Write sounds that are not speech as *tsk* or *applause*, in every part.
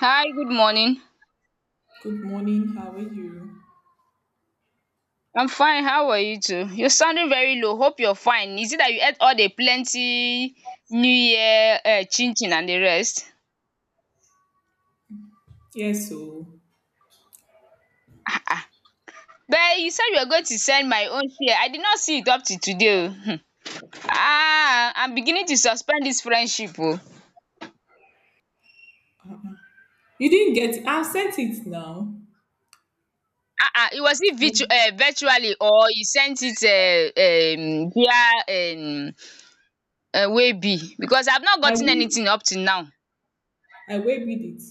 Hi, good morning. Good morning. How are you? I'm fine, how are you too? You're sounding very low, hope you're fine. Is it that you ate all the plenty new year chin chin and the rest? Yes, so Ah, but you said you were going to send my own share. I did not see it up till today oh. Ah, I'm beginning to suspend this friendship oh. you didn't get. I've sent it now. Ah, it virtually or you sent it via Waybill because I've not I gotten will. anything up till now. I will read it.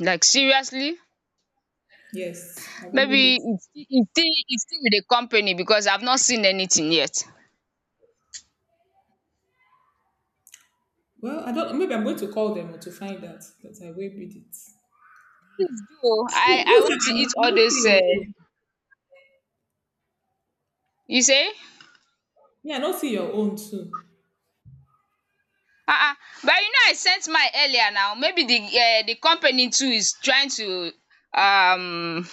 Like seriously? Yes, I will read Maybe it. it's still with the company because I've not seen anything yet. So Well, I don't. Maybe I'm going to call them to find out, but I will read it. You, I you I said want to I eat all not see those your own. you say? Yeah, I not see your own too. um but you know I sent mine earlier now maybe the company too is trying to um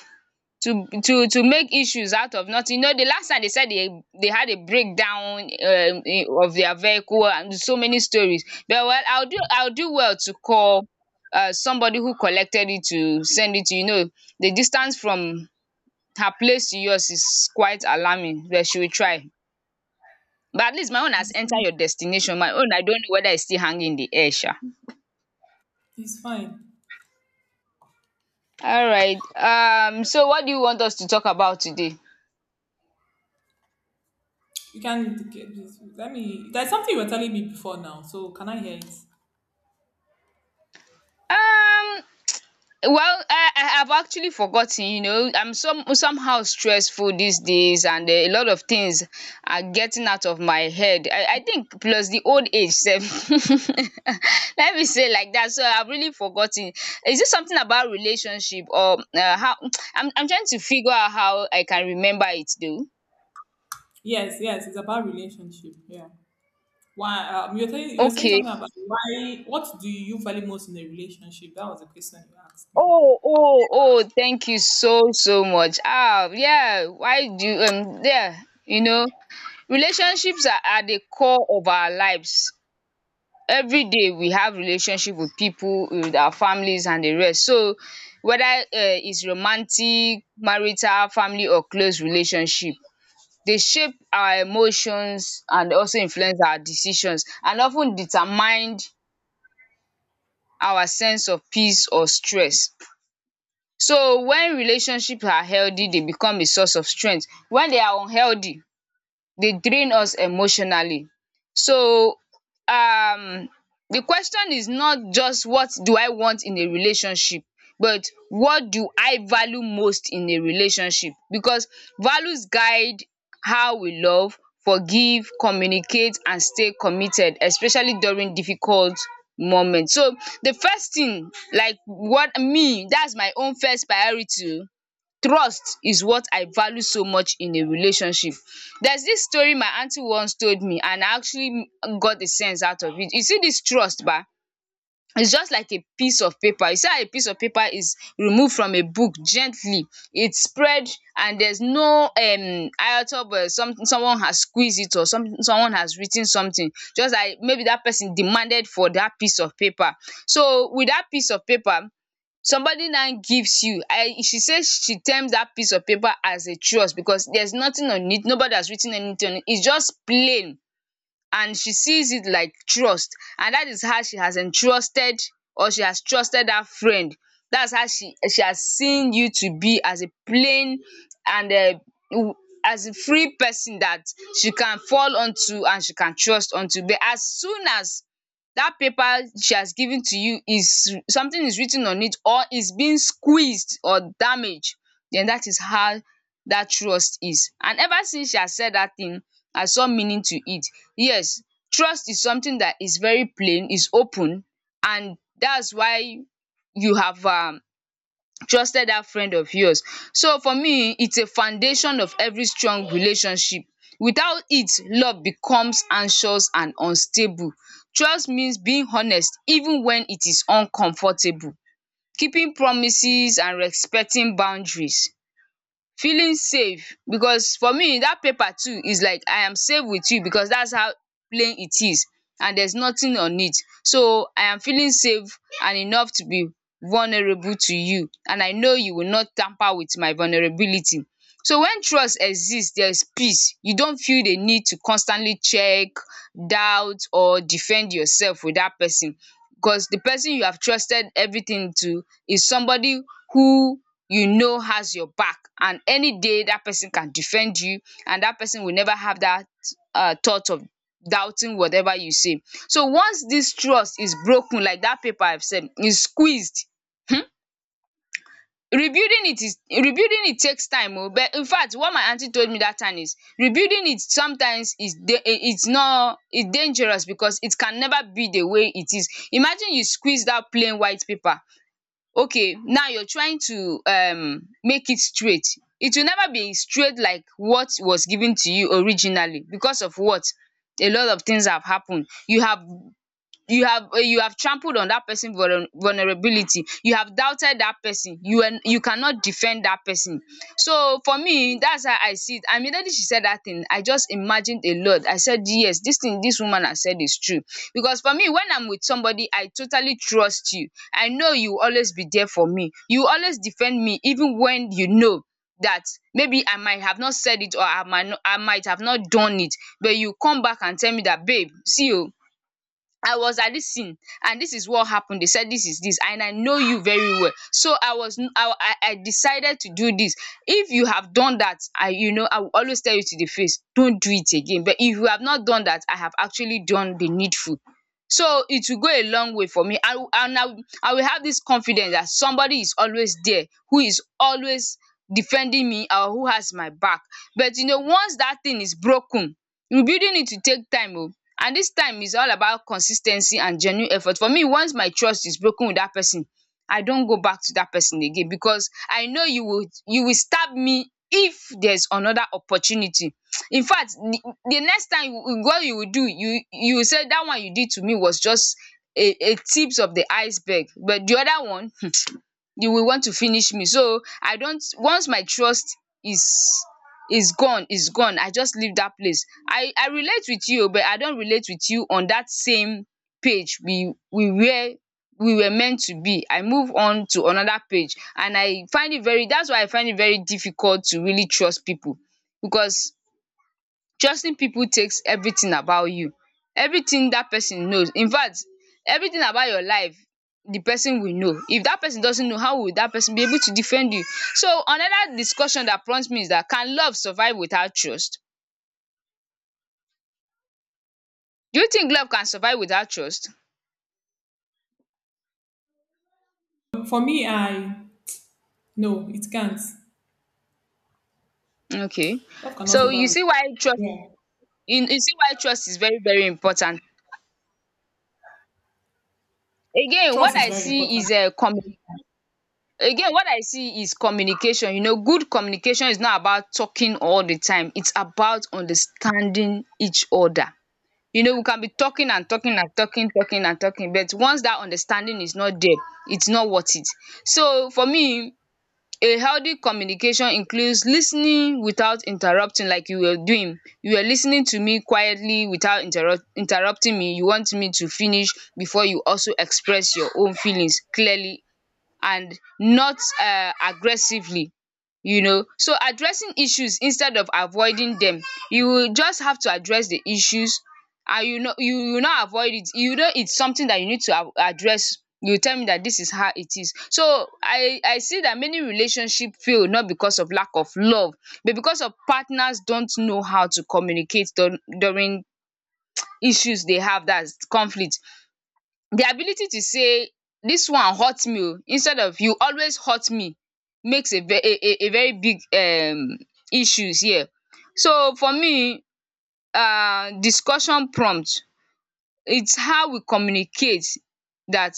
to make issues out of nothing. You know the last time they said they had a breakdown of their vehicle and so many stories. But well, I'll do well to call somebody who collected it to send it to. You know, the distance from her place to yours is quite alarming, but she will try. But at least my own has It's entered fine. your destination. My own I don't know whether it's still hanging in the air sha. It's fine. Alright, so what do you want us to talk about today? You can get this. Let me. There's something you were telling me before now. So can I hear it? um Well, I have actually forgotten, you know, I'm somehow stressful these days and a lot of things are getting out of my head. I think plus the old age sef. *laughs* Let me say like that. So I've really forgotten. Is it something about relationship or how *tsk* I'm trying to figure out how I can remember it though. Yes, yes. It's about relationship. Yeah. You were saying Okay. something about why what do you value most in a relationship? That was the question you asked me. Oh, thank you so much. Ah, yeah, why do you, yeah, you know relationships are at the core of our lives. Everyday we have relationship with pipu, with our families and the rest. So whether it's romantic, marital, family or close relationship. They shape our emotions and also influence our decisions and of ten determined our sense of peace or stress. So when relationship are healthy, they become a source of strength. When they are unhealthy, they drain us emotionally. So um the question is not just what do I want in a relationship, but what do I value most in a relationship, because values guide how we love, forgive, communicate and stay committed especially during difficult moments. So the first thing like what me, that's my own first priority. Trust is what I value so much in a relationship. There's this story my aunty once told me and I actually got a sense out of it. You see this trust ba, it's just like a piece of paper. You see how a piece of paper is removed from a book gently, it's spread and there's no iota, but someone has squeezed it or someone has written something just like maybe that person demanded for that piece of paper. So with that piece of paper, somebody now gives you, I she says, she terms that piece of paper as a trust because there's nothing on it. Nobody has written anything on it. It's just plain and she sees it like trust, and that is how she has entrusted or she has trusted that friend. That's how she has seen you to be as a plain and um as a free person that she can fall onto and she can trust onto. But as soon as that paper she has given to you, is writ ten on it or is being squeezed or damaged, then that is how that trust is. And ever since she has said that thing, I saw meaning to it. Yes, trust is something that is very plain, is open, and that's why you have trusted that friend of yours. So for me, it's a foundation of every strong relationship. Without it, love becomes anxious and unstable. Trust means being honest even when it is uncomfortable, keeping promises and respecting boundaries. Feeling safe, because for me dat paper too is like I am safe with you because that's how plain it is and there's nothing on it. So I am feeling safe and enough to be vulnerable to you, and I know you will not tamper with my vulnerability. So when trust exists, there is peace. You don't feel the need to constantly check, doubt or defend yourself with that person, because the person you have trusted everything to is somebody who, you know, has your back, and any day that person can defend you, and that person will never have that thought of doubting whatever you say. So once this trust is broken, like that paper I've said, is squeezed. Rebuilding it takes time oh, but in fact what my aunty told me that time is, rebuilding it sometimes is, it's not, it's dangerous, because it can never be the way it is. Imagine you squeeze that plain white paper, okay, now you're trying to make it straight. It will never be straight like what was given to you originally, because of what, a lot of things have happened. You have trampled on that person vulnerability, you have doubted that person, you cannot defend that person. So for me, that's how I see it, and immediately she said that thing, I just imagined a lot. I said, yes, this woman has said is true, because for me, when I'm with somebody I totally trust, you, I know you will always be there for me, you always defend me even when you know that maybe I might have not said it, or I might have not done it, but you come back and tell me that, babe, see you. I was at this scene and this is what happened. They said this is this, and I know you very well. So I was I decided to do this. If you have done that, I will always tell you to the face, don't do it again. But if you have not done that, I have actually done the needful. So it will go a long way for me. I will, and I will have this confidence that somebody is always there who is always defending me or who has my back. But you know, once that thing is broken, rebuilding it will take time oh. And this time is all about consis ten cy and genuine effort. For me, once my trust is broken with that person, I don't go back to that person again, because I know you will stab me if there's another opportunity. In fact, the next time you, what you will do, you will say that one you did to me was just a tips of the iceberg, but the other one, you will want to finish me. So I don't. Once my trust is is gone, I just leave that place. I relate with you, but I don't relate with you on that same page we were meant to be. I move on to another page, and I find it very that's why I find it very difficult to really trust people, because trusting people takes everything about you. Everything that person knows. In fact, everything about your life the person will know. If that person doesn't know, how will that person be able to defend you? So another discussion that prompts me is that, can love survive without trust? Do you think love can survive without trust? For me, I, no, it can't. Okay. Love cannot So survive. Yeah, you see why trust is very very important. Again, trust what is I very see important. is a um again, what I see is communication. Good communication is not about talking all the time, it's about understanding each other. We can be talking and talking and talking, talking and talking, but once that understanding is not there, it's not worth it. So for me, a healthy communication includes listening without interrupting, like you were doing, you were listening to me quietly without interrupting me, you want me to finish before you also express your own feelings clearly and not aggressively. So addressing issues instead of avoiding dem. You will just have to address the issues, and you no you will not avoid it. You know it's something that you need to address. You tell me that this is how it is. So I see that many relationship fail, not because of lack of love, but because of partners don't know how to communicate during issues they have, that's conflict. The ability to say, "This one hurt me oo," instead of, "You always hurt me," makes a ve a very big issues here. So for me, discussion prompt, it's how we communicate that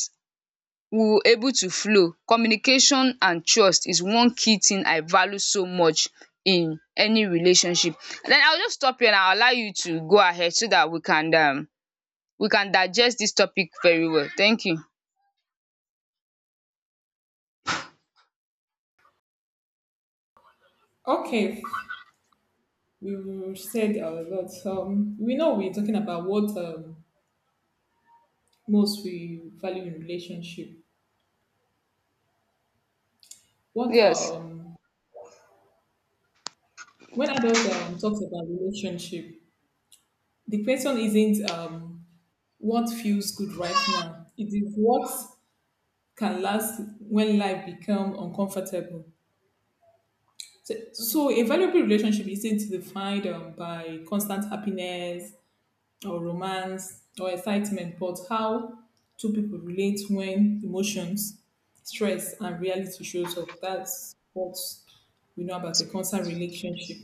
we will able to flow. Communication and trust is one key thing I value so much in any relationship. Then I will just stop here and I'll allow you to go ahead so that we can digest this topic very well. Thank you. Okay, we said a lot. We know we're talking about what most we value in relationship. What Yes. When adult talks about relationship, the question isn't what feels good right now. It is what can last when life become uncomfortable. So, a valuable relationship isn't defined by constant happiness or romance or excitement, but how two people relate when emotions, stress, and reality shows up. That's what we know about a constant relationship.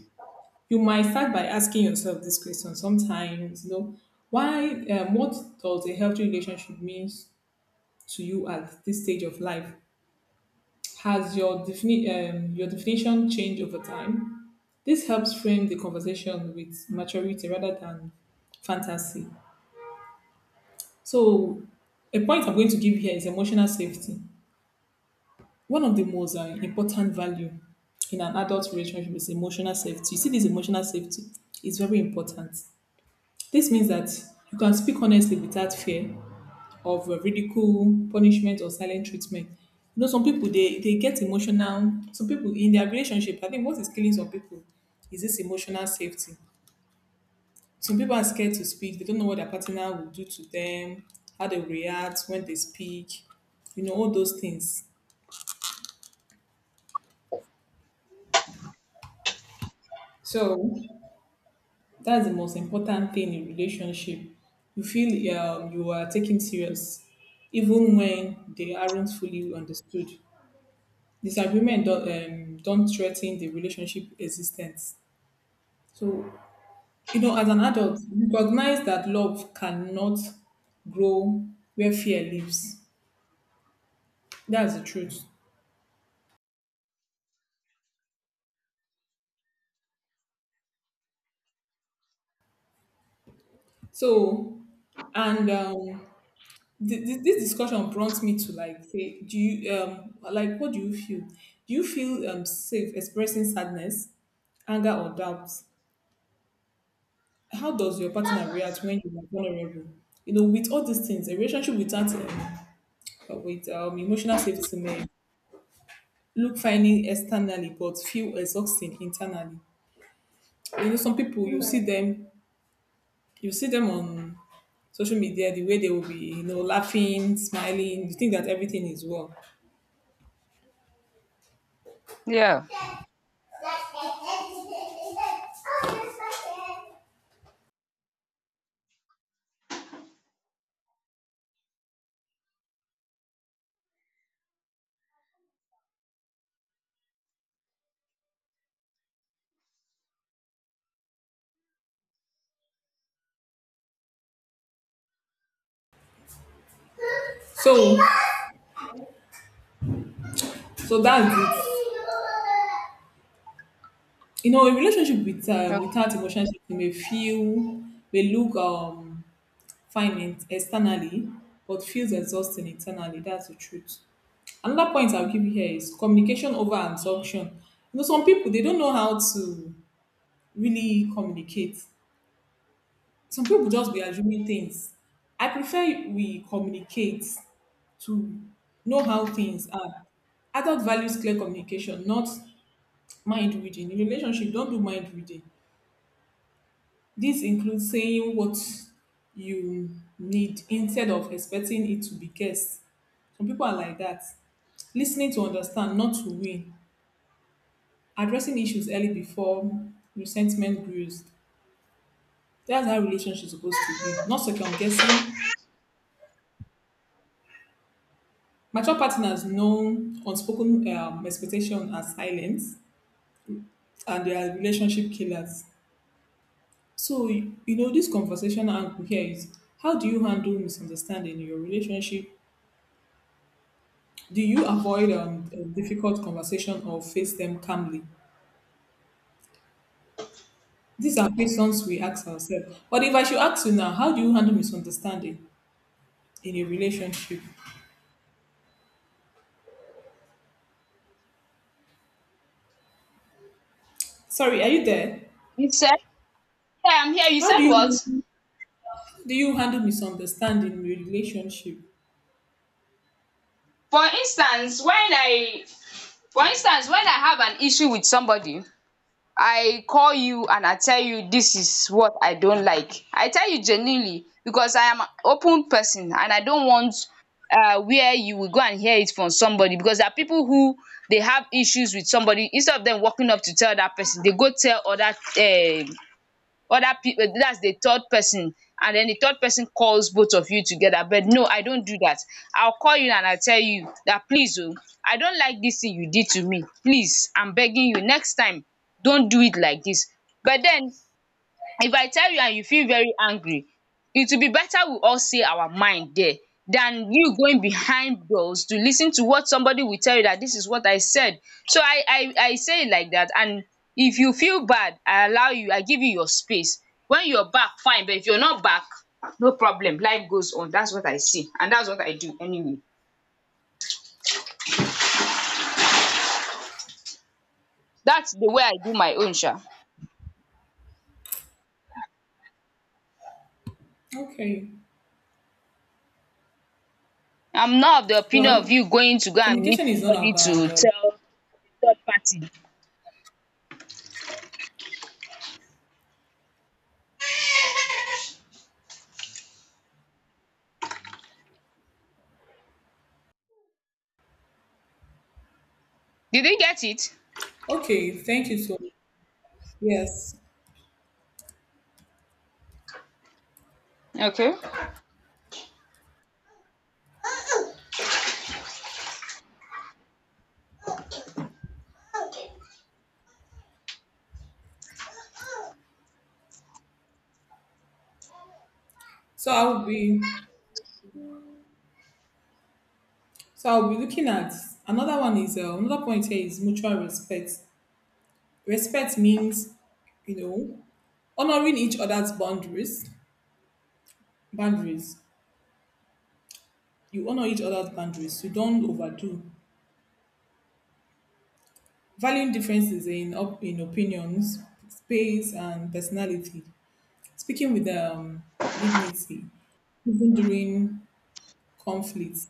You might start by asking yourself this question sometimes, you know, what does a healthy relationship means to you at this stage of life? Has your definition changed over time? This helps frame the conversation with maturity rather than fantasy. So, a point I'm going to give here is emotional safety. One of the most important value in an adult relationship is emotional safety. You see, this emotional safety is very important. This means that you can speak honestly without fear, of ridicule, punishment, or silent treatment. You know, some people they get emotional. Some people in their relationship, I think what is killing some people is this emotional safety. Some people are scared to speak. They don't know what their partner will do to them, how they react when they speak. You know, all those things. So that's the most important thing in relationship. You feel you are taken serious, even when they aren't fully understood. Disagreement don't threaten the relationship existence. So, you know, as an adult, recognize that love cannot grow where fear lives. That's the truth. So, and um, this discussion prompts me to like say, do you like what do you feel? Do you feel safe expressing sadness, anger, or doubt? How does your partner react when you are vulnerable? You know, with all these things, a relationship without with emotional safety may look finding externally but feel exhausting internally. You know, some people you see them on social media the way they will be, you know, laughing, smiling, you think that everything is well. Yeah. So so, that's it. You know, a relationship with Okay. without emotional safety may look fine externally but feels exhausting internally. That's the truth. Another point I'll give you here is communication over assumption. You know, some people, they don't know how to really communicate. Some people just be assuming things. I prefer we communicate to know how things are. Adult values clear communication, not mind reading. In relationship, don't do mind reading. This includes saying what you need instead of expecting it to be guessed. Some people are like that. Listening to understand, not to win. Addressing issues early before resentment grows. That's how relationships supposed to be. Not second guessing. Mature partners know unspoken expectation and silence, and they are relationship killers. So, you know, this conversation angle here is: how do you handle misunderstanding in your relationship? Do you avoid a difficult conversation or face them calmly? These are questions we ask ourselves. But if I should ask you now, how do you handle misunderstanding in a relationship? Sorry, are you there? You said? Yeah, I'm here. You How said do what? you handle misunderstanding in a relationship? For instance, when I for instance, when I have an issue with somebody, I call you and I tell you this is what I don't like. I tell you genuinely because I am an open person and I don't want where you will go and hear it from somebody, because there are people who, they have issues with somebody, instead of them walking up to tell that person, they go tell other other people, that's the third person, and then the third person calls both of you together. But no, I don't do that. I'll call you and I'll tell you that, "Please o, I don't like this thing you did to me. Please, I'm begging you, next time don't do it like this." But then, if I tell you and you feel very angry, it will be better we all say our mind there than you going behind doors to lis ten to what somebody will tell you that this is what I said. So I say it like that, and if you feel bad, I allow you, I give you your space. When you're back, fine, but if you're not back, no problem, life goes on. That's what I see and that's what I do anyway. That's the way I do my own sha. Okay. I'm not of the opinion of Well, you going to go and meet communication is not somebody about to tell a third party. Did you get it? okay, thank you so much. Yes. Okay, So I'll be so I'll be looking at another point here is mutual respect. Respect means, you know, honoring each other's boundaries, boundaries, you honor each other's boundaries. You don't overdo, valuing differences in opinions, space and personality, speaking with dignity even during conflicts.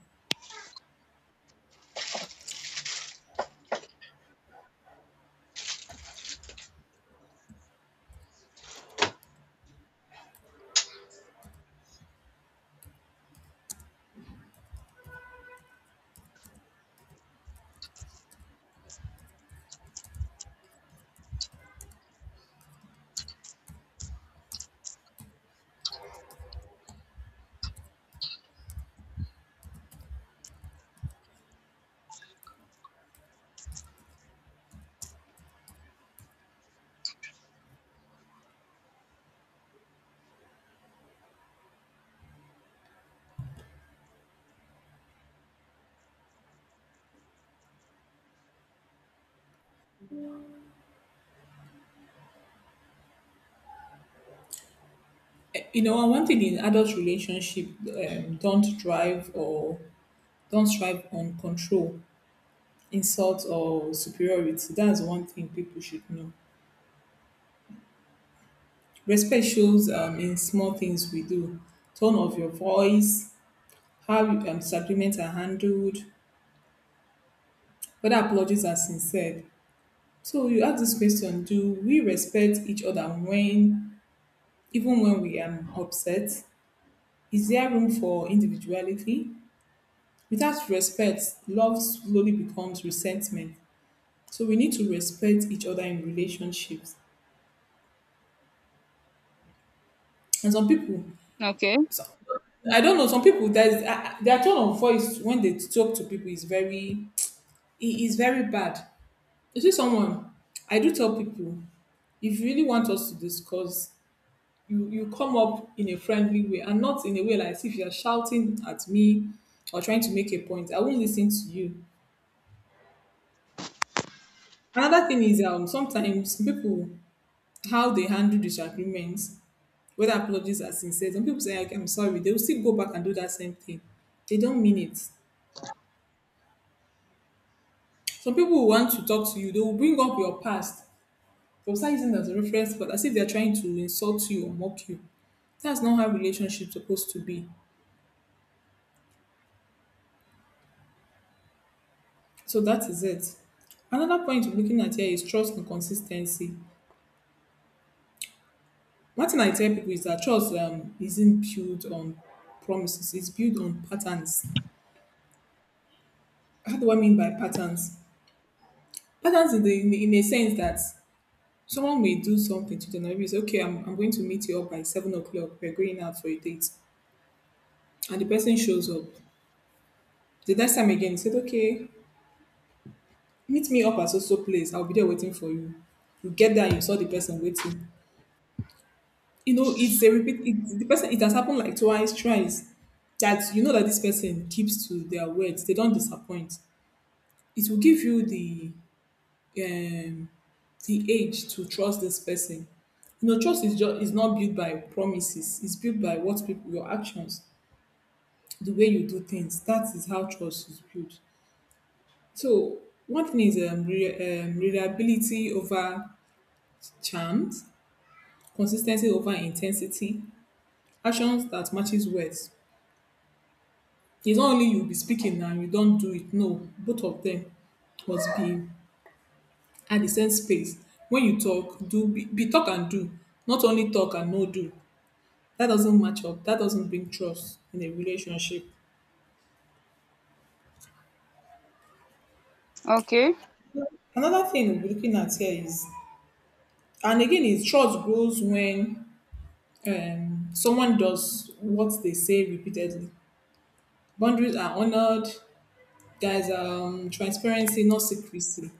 You know, and one thing in adult relationship, don't drive or don't strive on control, insult or superiority. That's one thing people should know. Respect shows in small things we do: tone of your voice, how disagreements are handled, whether apologies are sincere. So you ask this question: Do we respect each other even when we are upset? Is there room for individuality? Without respect, love slowly becomes resentment. So we need to respect each other in relationships. And some people, okay, so- I don't know, some people, their tone of voice when they talk to people is very it is very bad. You see, someone. I do tell people, if you really want us to discuss, you come up in a friendly way and not in a way like as if you're shouting at me or trying to make a point. I won't listen to you. Another thing is sometimes people, how they handle disagreements, whether apologies are sincere. Some people say like, I'm sorry, they will still go back and do that same thing. They don't mean it. Some people will want to talk to you, they will bring up your past. They'll start using it as a reference, but as if they're trying to insult you or mock you. That's not how relationships supposed to be. So that is it. Another point we're looking at here is trust and consistency. One thing I tell people is that trust isn't built on promises, it's built on patterns. How do I mean by patterns? Patterns in a sense that someone may do something to them. Maybe say, okay, I'm going to meet you up by 7 o'clock. We're going out for a date. And the person shows up. The next time again, he said, okay, meet me up at so so place. I'll be there waiting for you. You get there, you saw the person waiting. You know, it's a repeat. It has happened like twice, thrice. That you know that this person keeps to their words. They don't disappoint. It will give you um, the age to trust this person. You know, trust is not built by promises. It's built by what people, your actions, the way you do things. That is how trust is built. So one thing is reliability over charms, consistency over intensity, actions that matches words. It's not only you be speaking and you don do it. No, both of them must be at the same space. When you talk, do be talk and do, not only talk and no do. That doesn't match up. That doesn't bring trust in a relationship. okay. Another thing we're looking at here is, and again, is trust grows when someone does what they say repeatedly. Boundaries are honored. There's transparency, not secrecy.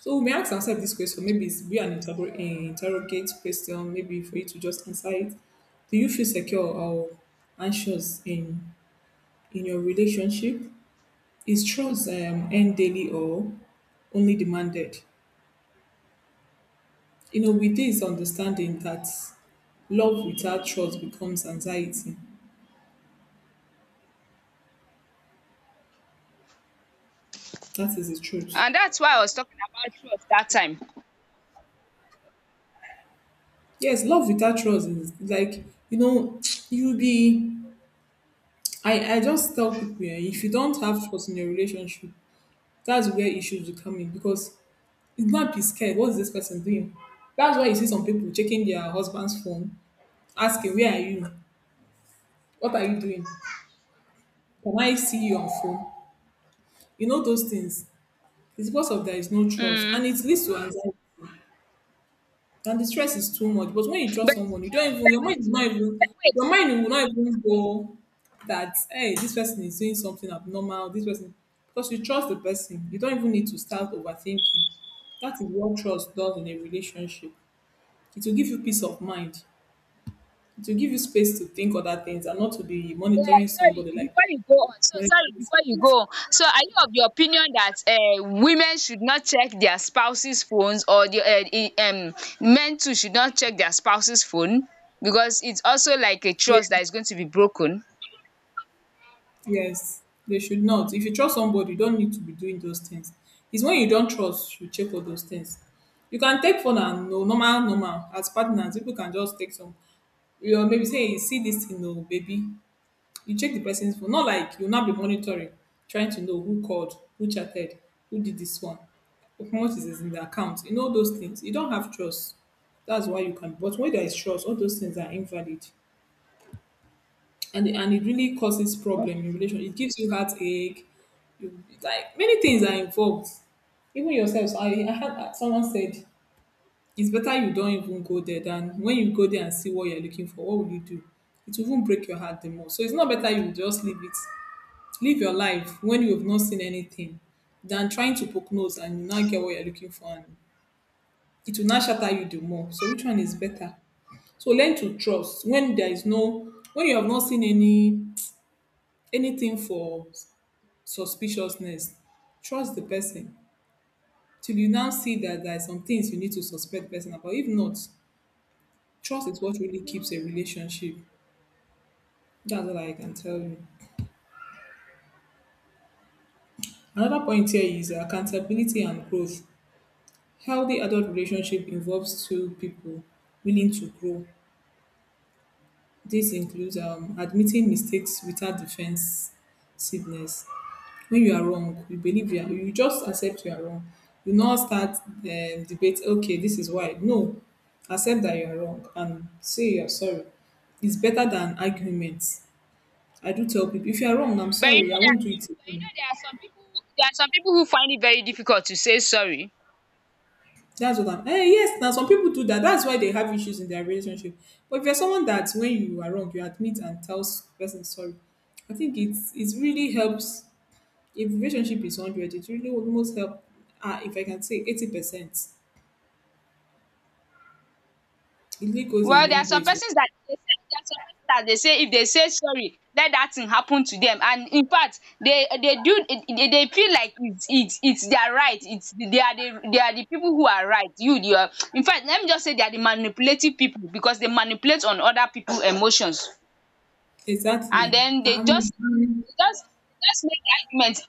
So we may ask ourselves this question. Maybe it's be an interrogate question. Maybe for you to just answer it. Do you feel secure or anxious in your relationship? Is trust earned daily or only demanded? You know, with this understanding that love without trust becomes anxiety. That is the truth. And that's why I was talking about trust that time. Yes, love without trust is like, you know, *tsk* you be. I just tell people, if you don't have trust in your relationship, that's where issues will come in because you might be scared. What is this person doing? That's why you see some people checking their husband's phone, asking, "Where are you? What are you doing? Can I see you on phone?" You know those things. It's because of there is no trust, Mm. and it leads to anxiety. And the stress is too much. But when you trust someone, you don't even But your mind wait, will oh, not even but wait, your wait. mind will not even go that, hey, this person is doing something abnormal, this person, because you trust the person. You don't even need to start overthinking. That is what trust does in a relationship. It will give you peace of mind. It will give you space to think other things and not to be Yeah, monitoring sorry, somebody like before you go on. So, sorry, monitoring before you go spirit. on. So, are you of the opinion that women should not check their spouse's phones, or the men too should not check their spouse's phone? Because it's also like a trust Yes, that is going to be broken. yes. They should not. If you trust somebody, you don't need to be doing those things. It's when you don't trust, you check all those things. You can take phone and no normal, normal. As partners, people can just take some. You know, maybe say, "Hey, see this, you know, baby. You check the person's phone. Not like you'll not be monitoring, trying to know who called, who chatted, who did this one, how much is in the account. You know those things. You don't have trust. That's why you can. But when there is trust, all those things are invalid, and it really causes problem in relation. It gives you heartache. You like many things are involved. Even yourself. So I had someone said it's better you don't even go there than when you go there and see what you're looking for. What will you do? It will even break your heart the more. So it's not better you just leave it, live your life when you've not seen anything than trying to poke nose and you now get what you're looking for, and it will now shatter you the more. So which one is better? So learn to trust when there is no, when you have not seen any anything for suspiciousness. Trust the person till you now see that there are some things you need to suspect the person about. If not, trust is what really keeps a relationship. That's all I can tell you. Another point here is accountability and growth. Healthy adult relationship involves two people willing to grow. This includes admitting mistakes without defensiveness. When you are wrong, you believe you are, you just accept you are wrong. You not start debate. Okay, this is why. No, accept that you are wrong and say you are sorry. It's better than arguments. I do tell people, if you are wrong, I'm But you know sorry. I won't do that. it But you know again. there are some people. There are some people who find it very difficult to say sorry. That's what I'm yes, now some people do that. That's why they have issues in their relationship. But if you're someone that when you are wrong, you admit and tell person sorry, I think it really helps. If relationship is hundred, it really almost help. If I can say 80%, it really goes a Well, long way. To, there are some persons that dey say, if they say sorry, let that thing happen to them, and in fact they do they feel like it's it's their right, it's they are the people who are right. You are, in fact, let me just say they are the manipulative people, because they manipulate on other people emotions, exactly. and then Um, um, they just make the argument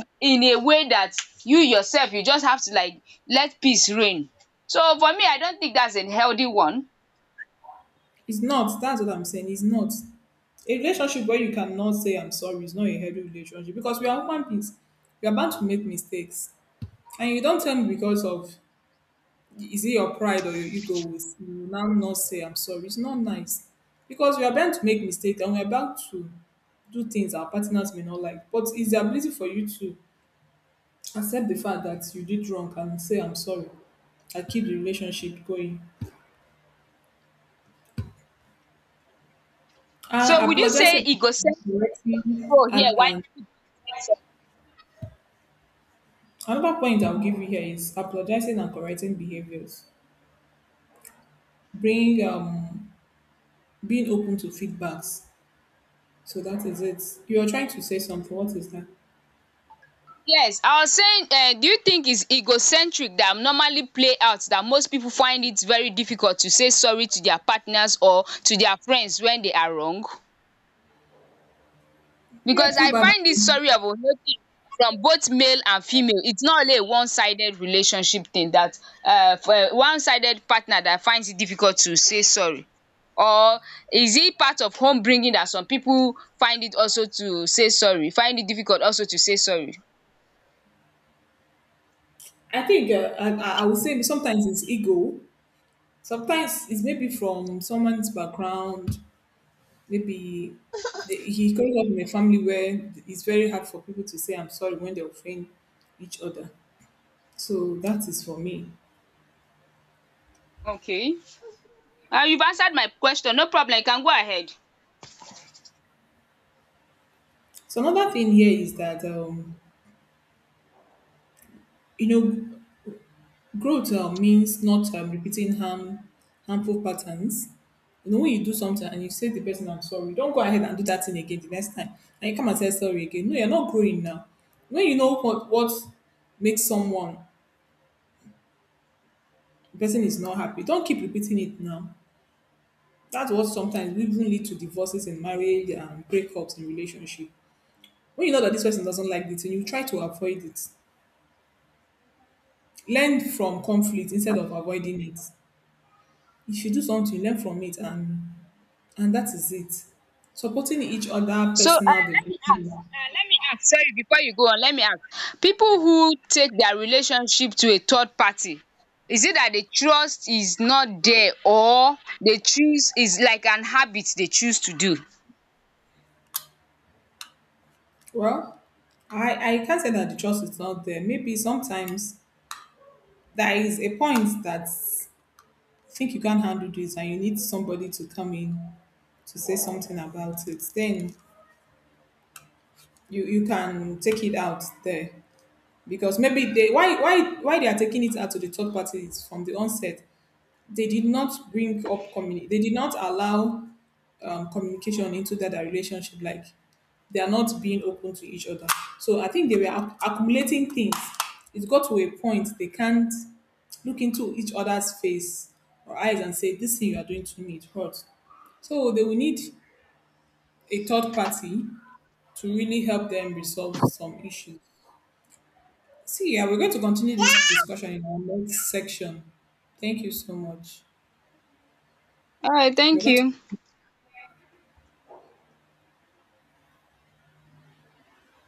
end in a way that you yourself you just have to, like, let peace reign. So for me, I don't think that's a healthy one. it's not. That's what I'm saying. It's not a relationship where you cannot say I'm sorry is not a healthy relationship because we are human beings. We are bound to make mistakes, and you don't tell me because of, is it your pride or your ego will now not say I'm sorry? It's not nice because we are bound to make mistakes and we are bound to do things our partners may not like. But it's the ability for you to accept the fact that you did wrong and say I'm sorry and keep the relationship going. So And would you say apologizing and egocentric correcting role here, and, why is and it is so? another point I'll give you here is apologizing and correcting behaviors. Bring being open to feedbacks. So that is it. You are trying to say something. What is that? Yes, I was saying, do you think it's egocentric that normally play out that most people find it very difficult to say sorry to their partners or to their friends when they are wrong? Yeah, Because I find this probably. story of Olori from both male and female, it's not only a one-sided relationship thing that um one-sided partner that finds it difficult to say sorry, or is it part of home bringing that some people find it also to say sorry, find it difficult also to say sorry? I think uh, I would say sometimes it's ego. Sometimes it's maybe from someone's background. Maybe he comes up in a family where it's very hard for people to say "I'm sorry" when they offend each other. So that is for me. Okay, you've answered my question, no problem, you can go ahead. So another thing here is that you know, growth means not repeating harm, harmful patterns. You know, when you do something and you say to the person, I'm sorry, don't go ahead and do that thing again the next time. And you come and say sorry again. No, you're not growing now. When you know what makes someone, the person is not happy, don't keep repeating it now. That's what sometimes will even lead to divorces in marriage and breakups in relationship. When you know that this person doesn't like it and you try to avoid it, learn from conflict instead of avoiding it. If you do something, learn from it. And that is it. Supporting each other So personal development. Let me ask, sorry, before you go on, let me ask, people who take their relationship to a third party, is it that the trust is not there, or they choose, is like an habit they choose to do. Well, I can't say that the trust is not there. Maybe sometimes there is a point that I think you can't handle this and you need somebody to come in to say something about it. Then you can take it out there. Because maybe they, why they are taking it out to the third party is from the onset. They did not bring up they did not allow communication into that relationship, like they are not being open to each other, so I think they were accumulating things. It got to a point they can't look into each other's face or eyes and say this thing you are doing to me, it hurts. So they will need a third party to really help them resolve some issues. See, yeah, we're going to continue this discussion in our next section. Thank you so much. Alright, We're thank going you. to